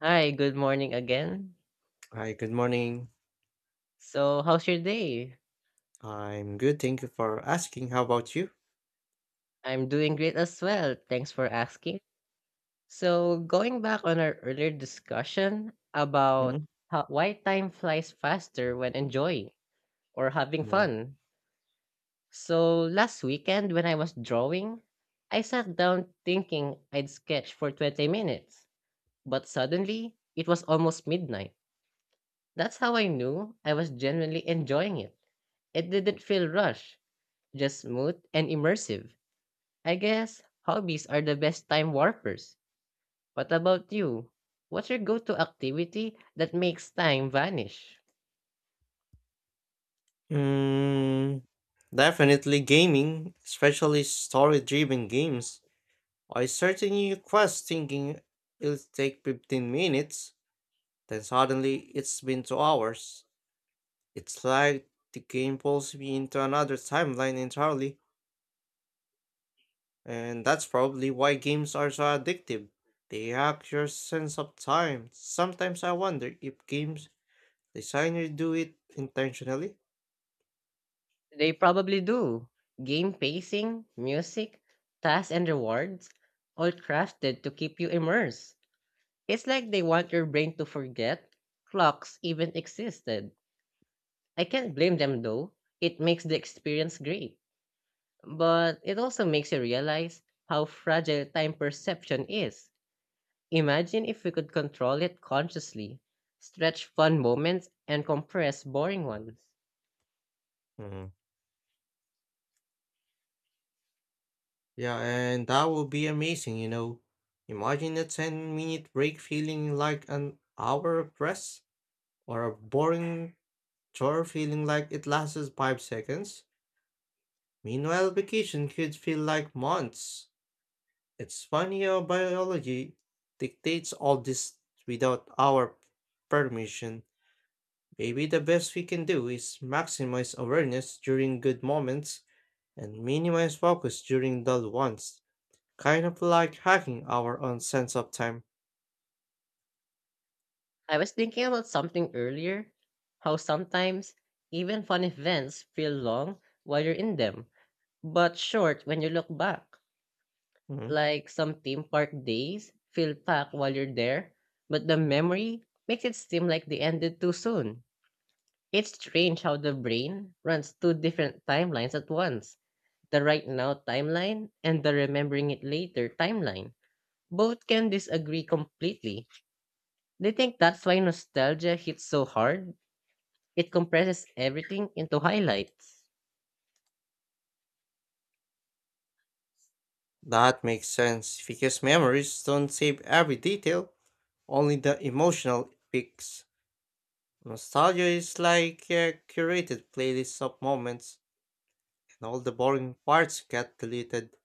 Hi, good morning again. Hi, good morning. So, how's your day? I'm good. Thank you for asking. How about you? I'm doing great as well. Thanks for asking. So, going back on our earlier discussion about Mhm. how, why time flies faster when enjoying or having Mm, fun. So, last weekend when I was drawing, I sat down thinking I'd sketch for 20 minutes, but suddenly it was almost midnight. That's how I knew I was genuinely enjoying it. It didn't feel rushed, just smooth and immersive. I guess hobbies are the best time warpers. What about you? What's your go to activity that makes time vanish? Mm, definitely gaming, especially story-driven games. I start a new quest thinking it'll take 15 minutes, then suddenly it's been 2 hours. It's like the game pulls me into another timeline entirely, and that's probably why games are so addictive. They hack your sense of time. Sometimes I wonder if games Designer do it intentionally? They probably do. Game pacing, music, tasks, and rewards, all crafted to keep you immersed. It's like they want your brain to forget clocks even existed. I can't blame them though. It makes the experience great. But it also makes you realize how fragile time perception is. Imagine if we could control it consciously, stretch fun moments, and compress boring ones. Hmm. Yeah, and that would be amazing, Imagine a 10-minute break feeling like an hour of rest, or a boring chore feeling like it lasts 5 seconds. Meanwhile, vacation could feel like months. It's funny how biology dictates all this without our permission. Maybe the best we can do is maximize awareness during good moments and minimize focus during dull ones, kind of like hacking our own sense of time. I was thinking about something earlier, how sometimes even fun events feel long while you're in them, but short when you look back. Hmm, Like, some theme park days feel packed while you're there, but the memory makes it seem like they ended too soon. It's strange how the brain runs two different timelines at once, the right now timeline and the remembering it later timeline. Both can disagree completely. They think that's why nostalgia hits so hard. It compresses everything into highlights. That makes sense because memories don't save every detail, only the emotional peaks. Nostalgia is like a curated playlist of moments, and all the boring parts get deleted.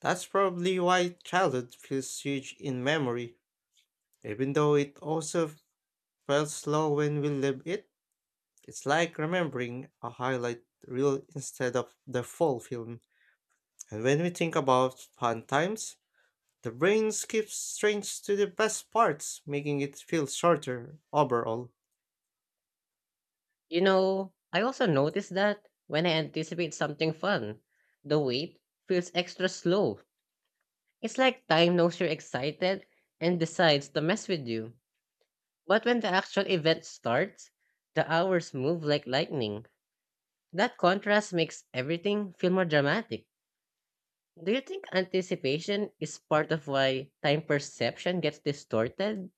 That's probably why childhood feels huge in memory, even though it also felt slow when we live it. It's like remembering a highlight reel instead of the full film. And when we think about fun times, the brain skips straight to the best parts, making it feel shorter overall. You know, I also notice that when I anticipate something fun, the wait feels extra slow. It's like time knows you're excited and decides to mess with you. But when the actual event starts, the hours move like lightning. That contrast makes everything feel more dramatic. Do you think anticipation is part of why time perception gets distorted?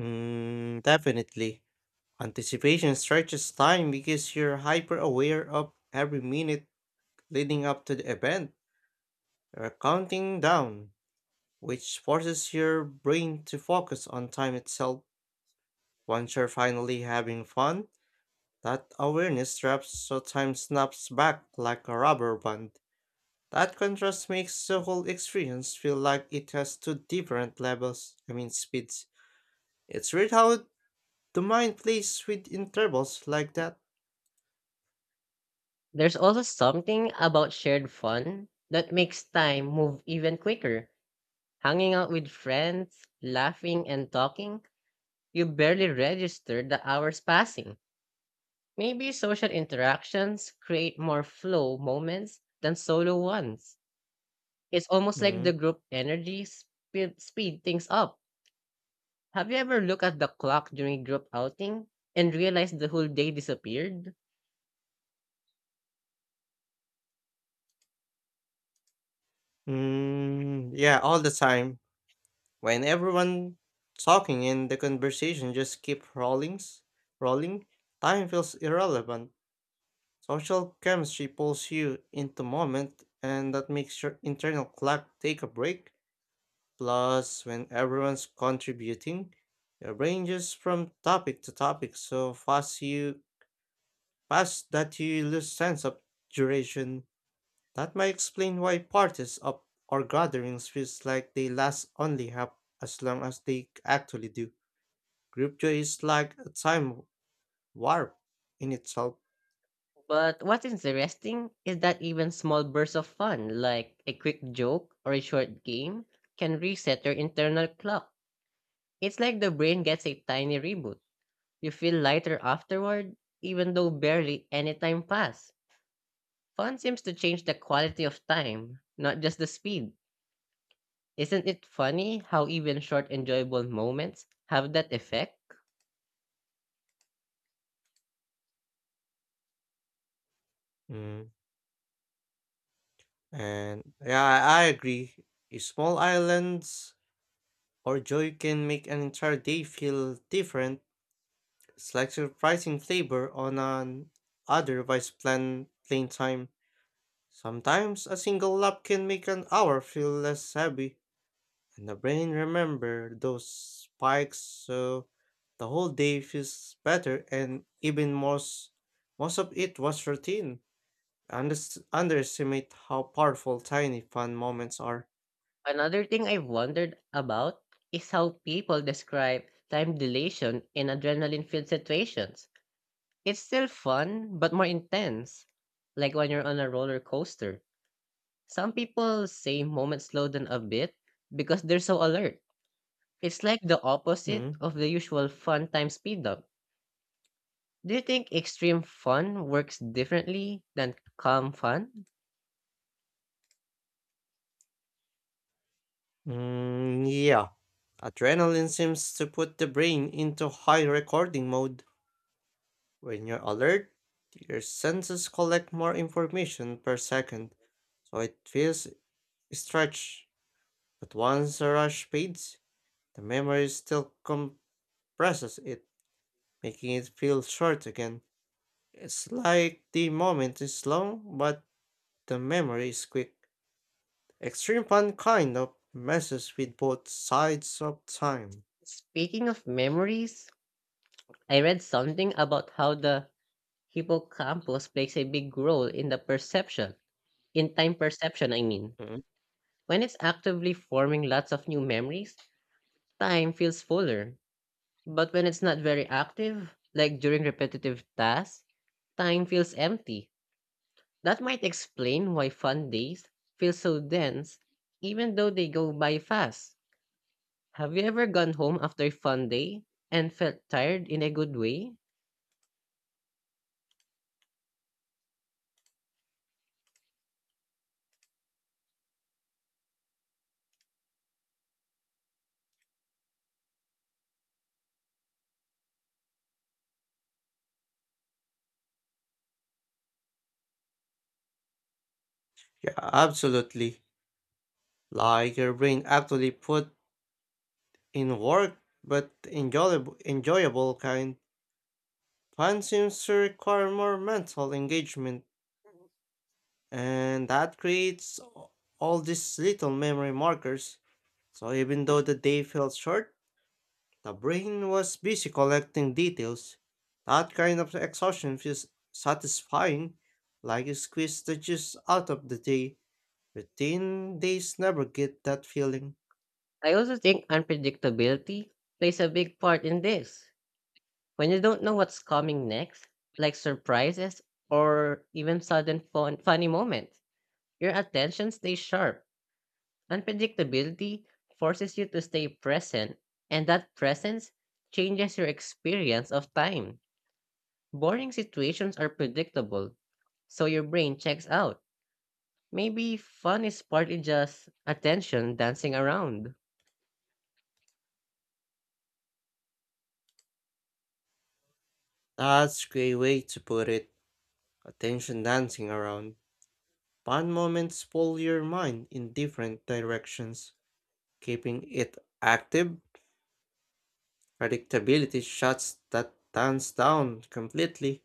Definitely. Anticipation stretches time because you're hyper aware of every minute leading up to the event. You're counting down, which forces your brain to focus on time itself. Once you're finally having fun, that awareness trap sometimes snaps back like a rubber band. That contrast makes the whole experience feel like it has two different levels, I mean speeds. It's weird how the mind plays with intervals like that. There's also something about shared fun that makes time move even quicker. Hanging out with friends, laughing, and talking, you barely register the hours passing. Maybe social interactions create more flow moments than solo ones. It's almost like the Mm. group energy speed things up. Have you ever looked at the clock during group outing and realized the whole day disappeared? Mm, yeah, all the time. When everyone talking and the conversation just keep rolling, rolling, time feels irrelevant. Social chemistry pulls you into moment and that makes your internal clock take a break. Plus, when everyone's contributing, your brain jumps from topic to topic so fast that you lose sense of duration. That might explain why parties of or gatherings feels like they last only half as long as they actually do. Group joy is like a time warp in itself. But what's interesting is that even small bursts of fun, like a quick joke or a short game, can reset your internal clock. It's like the brain gets a tiny reboot. You feel lighter afterward, even though barely any time passed. Fun seems to change the quality of time, not just the speed. Isn't it funny how even short enjoyable moments have that effect? Mm. And yeah, I agree. A Small islands or joy can make an entire day feel different. It's like surprising flavor on an otherwise plain time. Sometimes a single lap can make an hour feel less heavy, and the brain remember those spikes so the whole day feels better and even most of it was routine. Underestimate how powerful tiny fun moments are. Another thing I've wondered about is how people describe time dilation in adrenaline filled situations. It's still fun, but more intense, like when you're on a roller coaster. Some people say moments slow down a bit because they're so alert. It's like the opposite Hmm? of the usual fun time speed up. Do you think extreme fun works differently than calm fun? Mm, yeah. Adrenaline seems to put the brain into high recording mode. When you're alert, your senses collect more information per second, so it feels stretched. But once the rush fades, the memory still compresses it, making it feel short again. It's like the moment is long, but the memory is quick. Extreme fun kind of messes with both sides of time. Speaking of memories, I read something about how the Hippocampus plays a big role in the perception, in time perception, I mean. Mhm. When it's actively forming lots of new memories, time feels fuller. But when it's not very active, like during repetitive tasks, time feels empty. That might explain why fun days feel so dense, even though they go by fast. Have you ever gone home after a fun day and felt tired in a good way? Yeah, absolutely. Like your brain actually put in work but enjoyable, enjoyable kind. Fun seems to require more mental engagement, and that creates all these little memory markers. So even though the day felt short, the brain was busy collecting details. That kind of exhaustion feels satisfying, like you squeeze the juice out of the day. Routine days never get that feeling. I also think unpredictability plays a big part in this. When you don't know what's coming next, like surprises or even sudden funny moments, your attention stays sharp. Unpredictability forces you to stay present, and that presence changes your experience of time. Boring situations are predictable, so your brain checks out. Maybe fun is partly just attention dancing around. That's a great way to put it. Attention dancing around. Fun moments pull your mind in different directions, keeping it active. Predictability shuts that dance down completely.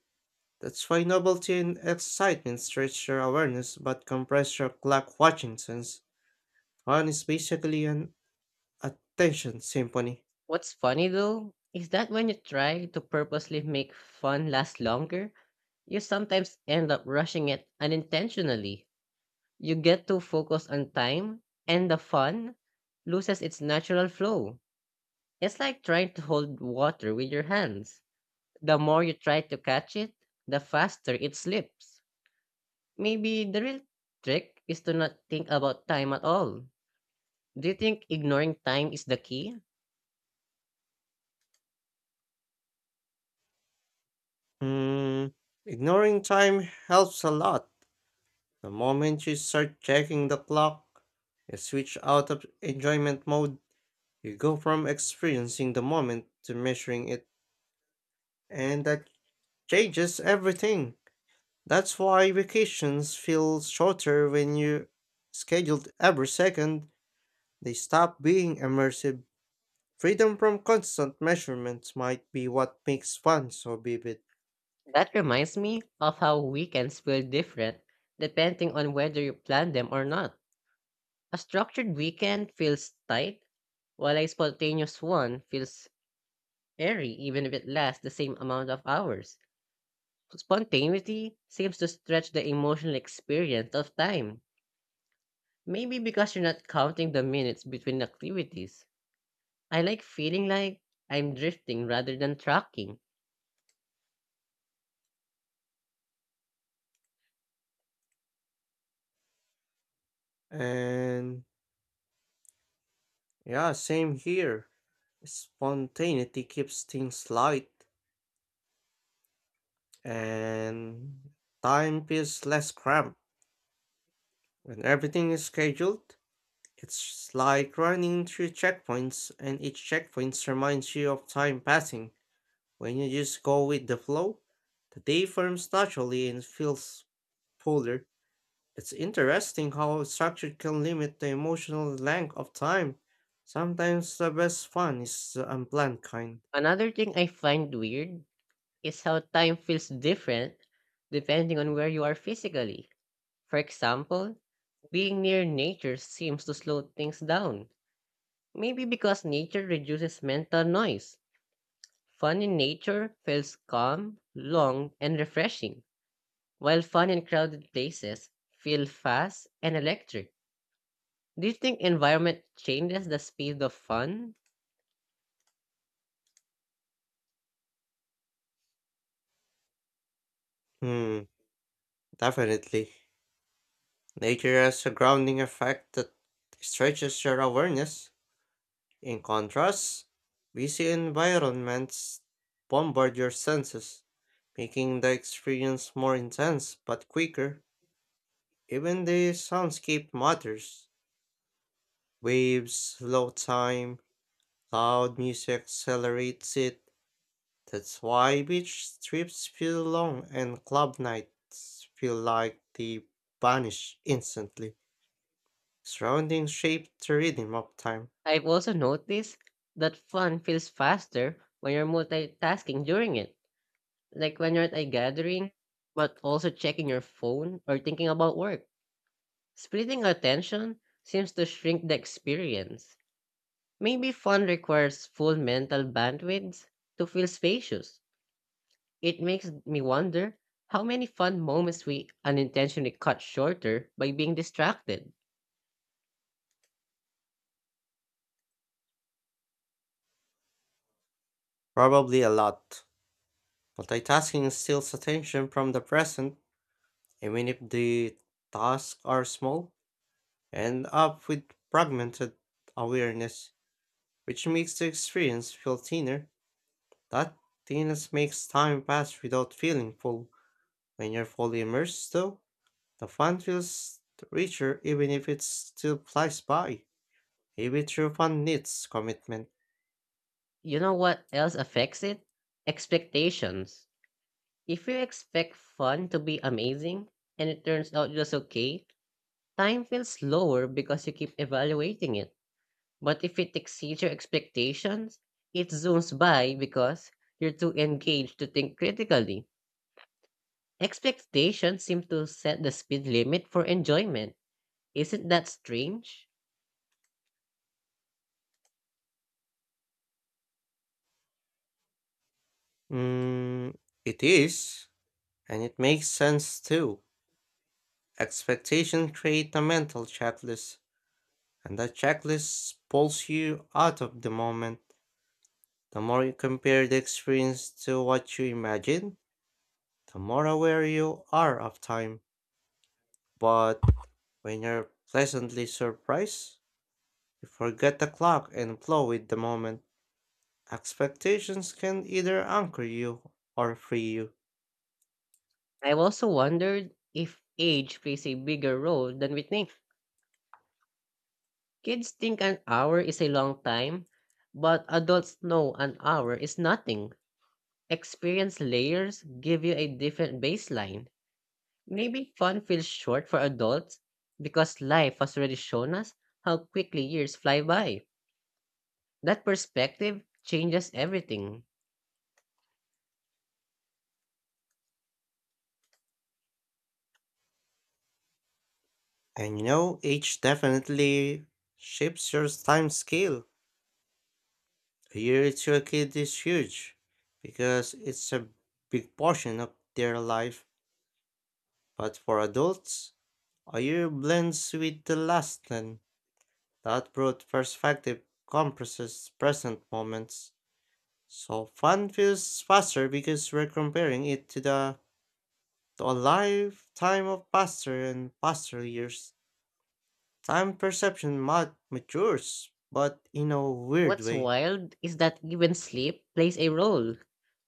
That's why novelty and excitement stretch your awareness but compress your clock watching sense. Fun is basically an attention symphony. What's funny though is that when you try to purposely make fun last longer, you sometimes end up rushing it unintentionally. You get too focused on time, and the fun loses its natural flow. It's like trying to hold water with your hands. The more you try to catch it, the faster it slips. Maybe the real trick is to not think about time at all. Do you think ignoring time is the key? Hmm, ignoring time helps a lot. The moment you start checking the clock, you switch out of enjoyment mode. You go from experiencing the moment to measuring it, and that changes everything. That's why vacations feel shorter when you scheduled every second. They stop being immersive. Freedom from constant measurements might be what makes fun so vivid. That reminds me of how weekends feel different depending on whether you plan them or not. A structured weekend feels tight, while a spontaneous one feels airy even if it lasts the same amount of hours. Spontaneity seems to stretch the emotional experience of time, maybe because you're not counting the minutes between activities. I like feeling like I'm drifting rather than tracking. And yeah, same here. Spontaneity keeps things light, and time feels less cramped. When everything is scheduled, it's like running through checkpoints, and each checkpoint reminds you of time passing. When you just go with the flow, the day forms naturally and feels fuller. It's interesting how structure can limit the emotional length of time. Sometimes the best fun is the unplanned kind. Another thing I find weird is how time feels different depending on where you are physically. For example, being near nature seems to slow things down. Maybe because nature reduces mental noise. Fun in nature feels calm, long, and refreshing, while fun in crowded places feel fast and electric. Do you think environment changes the speed of fun? Hmm, definitely. Nature has a grounding effect that stretches your awareness. In contrast, busy environments bombard your senses, making the experience more intense but quicker. Even the soundscape matters. Waves, slow time, loud music accelerates it. That's why beach trips feel long and club nights feel like they vanish instantly. Surroundings shape the rhythm of time. I've also noticed that fun feels faster when you're multitasking during it, like when you're at a gathering, but also checking your phone or thinking about work. Splitting attention seems to shrink the experience. Maybe fun requires full mental bandwidth to feel spacious. It makes me wonder how many fun moments we unintentionally cut shorter by being distracted. Probably a lot. Multitasking steals attention from the present. Even if the tasks are small, end up with fragmented awareness, which makes the experience feel thinner. That thinness makes time pass without feeling full. When you're fully immersed, though, the fun feels richer even if it still flies by. Maybe true fun needs commitment. You know what else affects it? Expectations. If you expect fun to be amazing and it turns out just okay, time feels slower because you keep evaluating it. But if it exceeds your expectations, it zooms by because you're too engaged to think critically. Expectations seem to set the speed limit for enjoyment. Isn't that strange? Mm, it is, and it makes sense too. Expectation create a mental checklist. And that checklist pulls you out of the moment. The more you compare the experience to what you imagine, the more aware you are of time. But when you're pleasantly surprised, you forget the clock and flow with the moment. Expectations can either anchor you or free you. I've also wondered if age plays a bigger role than we think. Kids think an hour is a long time, but adults know an hour is nothing. Experience layers give you a different baseline. Maybe fun feels short for adults because life has already shown us how quickly years fly by. That perspective changes everything. And you know, age definitely shapes your time scale. A year to a kid is huge because it's a big portion of their life. But for adults, a year blends with the last and that broad perspective compresses present moments. So fun feels faster because we're comparing it to a lifetime of pastor and pastor years. Time perception matures, but in a weird What's way. wild is that even sleep plays a role.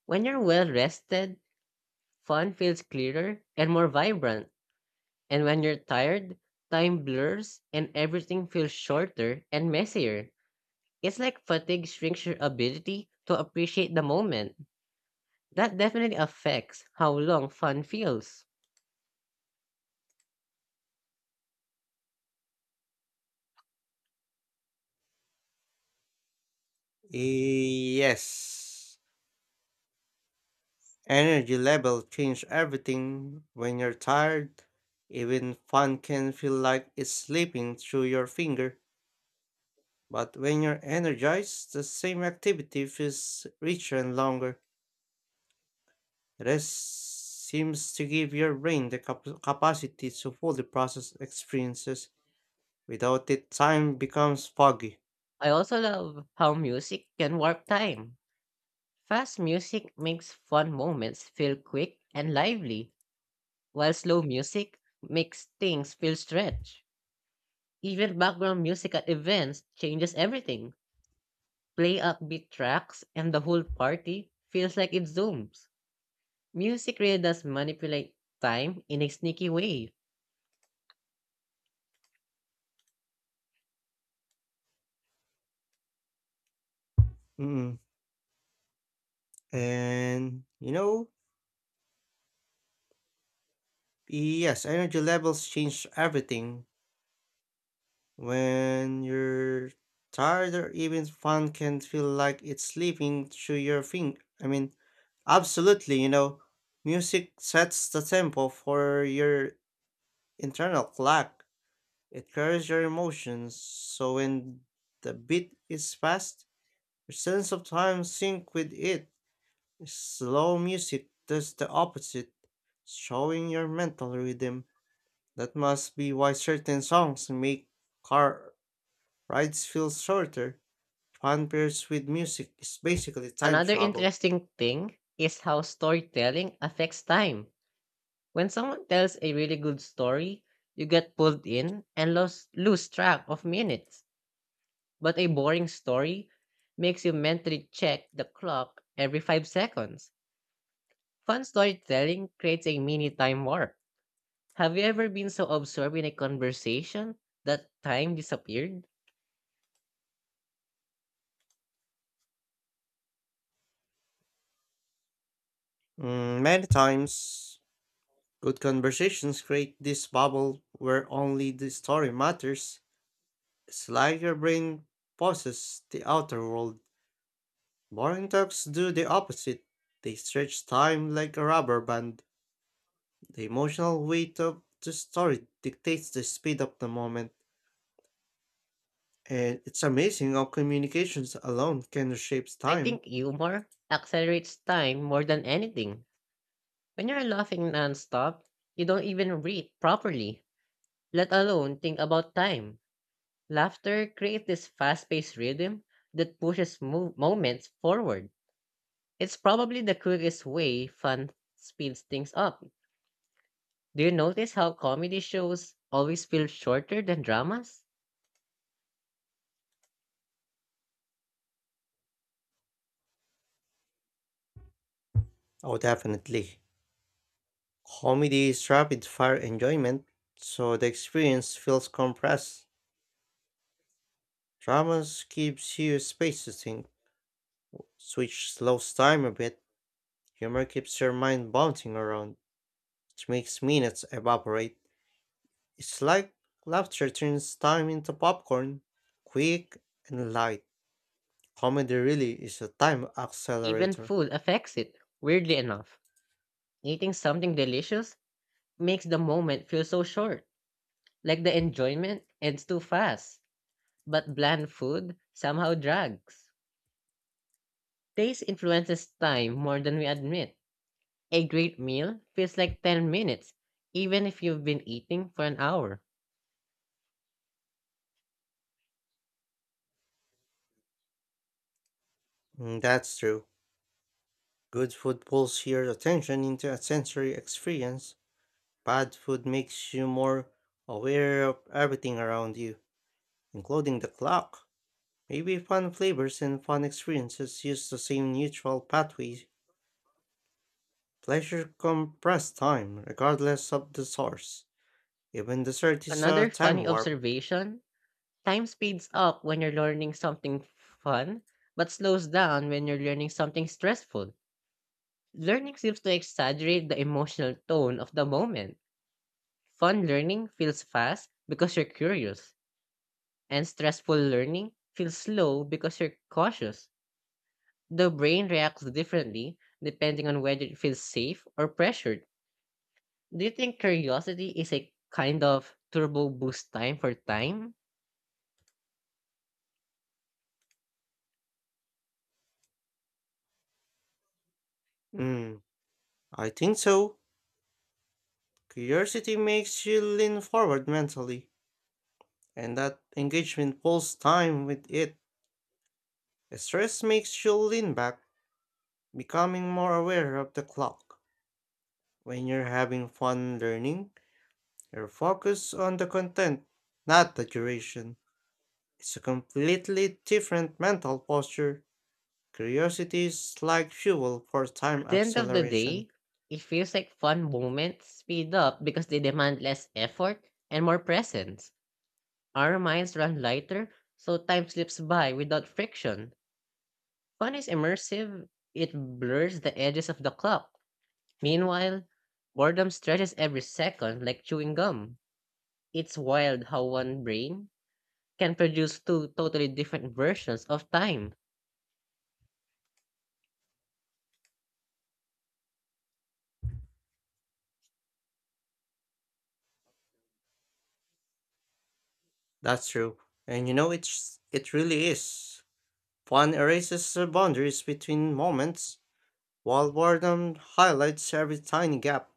When you're well rested, fun feels clearer and more vibrant. And when you're tired, time blurs and everything feels shorter and messier. It's like fatigue shrinks your ability to appreciate the moment. That definitely affects how long fun feels. Yes. Energy level change everything when you're tired. Even fun can feel like it's slipping through your finger. But when you're energized, the same activity feels richer and longer. Rest seems to give your brain the capacity to fully process experiences. Without it, time becomes foggy. I also love how music can warp time. Fast music makes fun moments feel quick and lively, while slow music makes things feel stretched. Even background music at events changes everything. Play upbeat tracks and the whole party feels like it zooms. Music really does manipulate time in a sneaky way. Mm. And you know, yes, energy levels change everything. When you're tired or even fun can feel like it's slipping through your fing I mean, absolutely, you know, music sets the tempo for your internal clock. It carries your emotions, so when the beat is fast, your sense of time sync with it. Slow music does the opposite, showing your mental rhythm. That must be why certain songs make car rides feel shorter. Fun pairs with music is basically time Another travel. interesting thing is how storytelling affects time. When someone tells a really good story, you get pulled in and lose track of minutes. But a boring story makes you mentally check the clock every 5 seconds. Fun storytelling creates a mini time warp. Have you ever been so absorbed in a conversation that time disappeared? Mm, many times, good conversations create this bubble where only the story matters. It's like your brain pauses the outer world. Boring talks do the opposite. They stretch time like a rubber band. The emotional weight of the story dictates the speed of the moment. And it's amazing how communications alone can reshape I think time. humor accelerates time more than anything. When you're laughing nonstop, you don't even breathe properly, let alone think about time. Laughter creates this fast paced rhythm that pushes moments forward. It's probably the quickest way fun speeds things up. Do you notice how comedy shows always feel shorter than dramas? Oh, definitely. Comedy is rapid fire enjoyment, so the experience feels compressed. Dramas gives you space to think, which slows time a bit. Humor keeps your mind bouncing around, which makes minutes evaporate. It's like laughter turns time into popcorn, quick and light. Comedy really is a time Even accelerator. food affects it. Weirdly enough, eating something delicious makes the moment feel so short, like the enjoyment ends too fast. But bland food somehow drags. Taste influences time more than we admit. A great meal feels like 10 minutes, even if you've been eating for an hour. That's true. Good food pulls your attention into a sensory experience. Bad food makes you more aware of everything around you, including the clock. Maybe fun flavors and fun experiences use the same neutral pathway. Pleasure compress time, regardless of the source. Even dessert is Another a time funny warp. observation, time speeds up when you're learning something fun, but slows down when you're learning something stressful. Learning seems to exaggerate the emotional tone of the moment. Fun learning feels fast because you're curious, and stressful learning feels slow because you're cautious. The brain reacts differently depending on whether it feels safe or pressured. Do you think curiosity is a kind of turbo boost time for time? Hmm, I think so. Curiosity makes you lean forward mentally, and that engagement pulls time with it. Stress makes you lean back, becoming more aware of the clock. When you're having fun learning, you're focused on the content, not the duration. It's a completely different mental posture. Curiosity is like fuel for time At the end of the acceleration. day, it feels like fun moments speed up because they demand less effort and more presence. Our minds run lighter, so time slips by without friction. Fun is immersive, it blurs the edges of the clock. Meanwhile, boredom stretches every second like chewing gum. It's wild how one brain can produce two totally different versions of time. That's true. And you know it really is. Fun erases the boundaries between moments, while boredom highlights every tiny gap.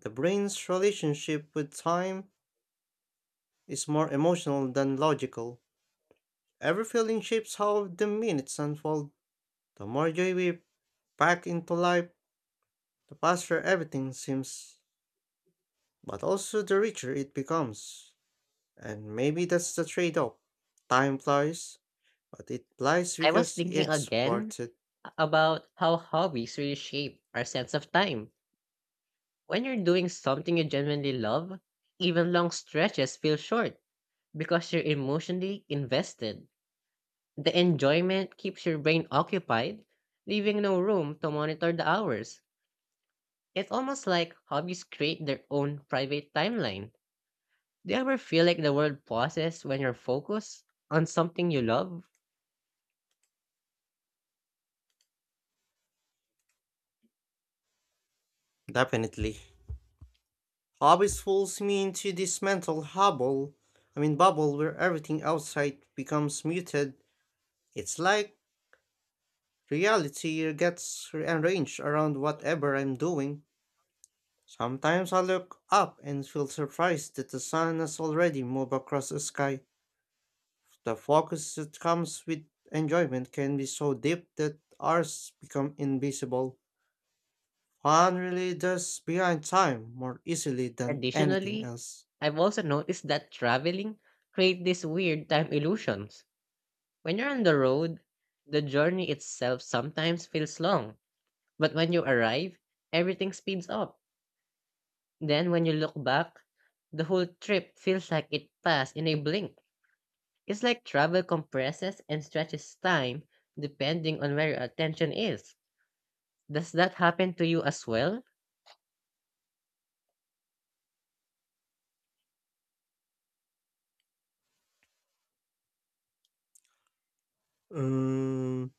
The brain's relationship with time is more emotional than logical. Every feeling shapes how the minutes unfold. The more joy we pack into life, the faster everything seems, but also the richer it becomes. And maybe that's the trade off. Time flies, but it flies I was because thinking it's again worth it. about how hobbies really shape our sense of time. When you're doing something you genuinely love, even long stretches feel short because you're emotionally invested. The enjoyment keeps your brain occupied, leaving no room to monitor the hours. It's almost like hobbies create their own private timeline. Do you ever feel like the world pauses when you're focused on something you love? Definitely. Hobbies fools me into this mental hobble, I mean bubble where everything outside becomes muted. It's like reality gets rearranged around whatever I'm doing. Sometimes I look up and feel surprised that the sun has already moved across the sky. The focus that comes with enjoyment can be so deep that ours become invisible. Fun really does behind time more easily than anything Additionally, else. I've also noticed that traveling creates these weird time illusions. When you're on the road, the journey itself sometimes feels long, but when you arrive, everything speeds up. Then when you look back, the whole trip feels like it passed in a blink. It's like travel compresses and stretches time depending on where your attention is. Does that happen to you as well? Um,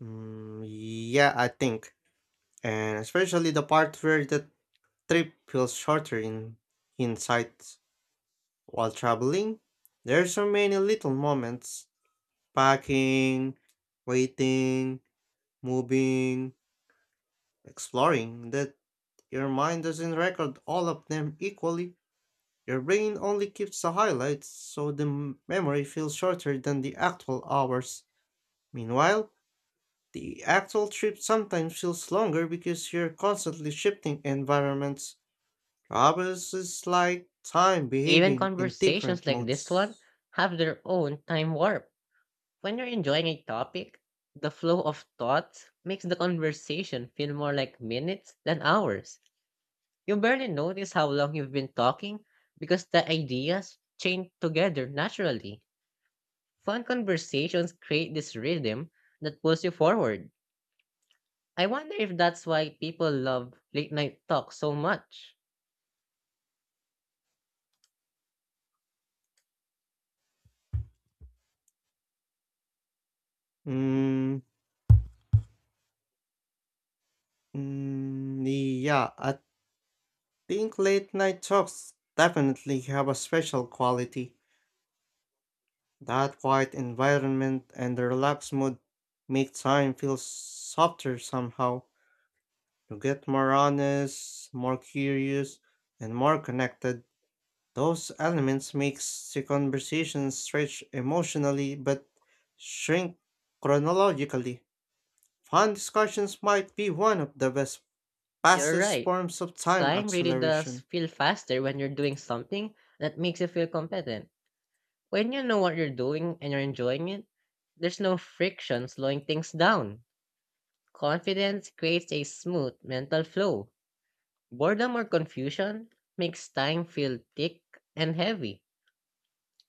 yeah, I think. And especially the part where the trip feels shorter in hindsight. While traveling, there are so many little moments. Packing, waiting, moving, exploring, that your mind doesn't record all of them equally. Your brain only keeps the highlights, so the memory feels shorter than the actual hours. Meanwhile, the actual trip sometimes feels longer because you're constantly shifting environments. Travels is like time Even behaving in different conversations like this one modes. have their own time warp. When you're enjoying a topic, the flow of thoughts makes the conversation feel more like minutes than hours. You barely notice how long you've been talking because the ideas chain together naturally. Fun conversations create this rhythm that pulls you forward. I wonder if that's why people love late night talk so much. Mm, yeah, I think late night talks definitely have a special quality. That quiet environment and the relaxed mood make time feel softer somehow. You get more honest, more curious, and more connected. Those elements makes the conversation stretch emotionally but shrink chronologically. Fun discussions might be one of the best You're fastest right. forms of time Time really does acceleration. feel faster when you're doing something that makes you feel competent. When you know what you're doing and you're enjoying it, there's no friction slowing things down. Confidence creates a smooth mental flow. Boredom or confusion makes time feel thick and heavy.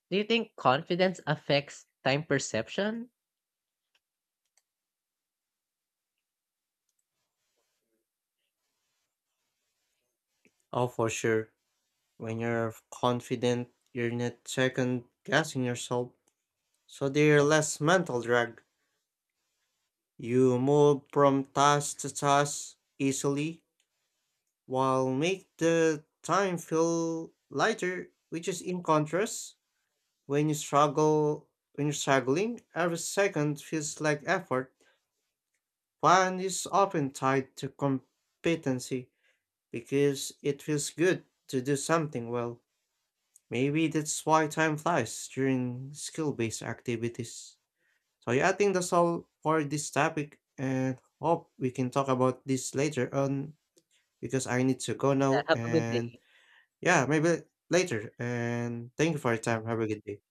Do you think confidence affects time perception? Oh, for sure. When you're confident, you're not second guessing yourself, so there's less mental drag. You move from task to task easily, while make the time feel lighter, which is in contrast. When you struggle, when you're struggling, every second feels like effort. Fun is often tied to competency because it feels good to do something well. Maybe that's why time flies during skill based activities. So, yeah, I think that's all for this topic, and hope we can talk about this later on because I need to go Yeah, now. have a good And day. yeah, maybe later. And thank you for your time. Have a good day.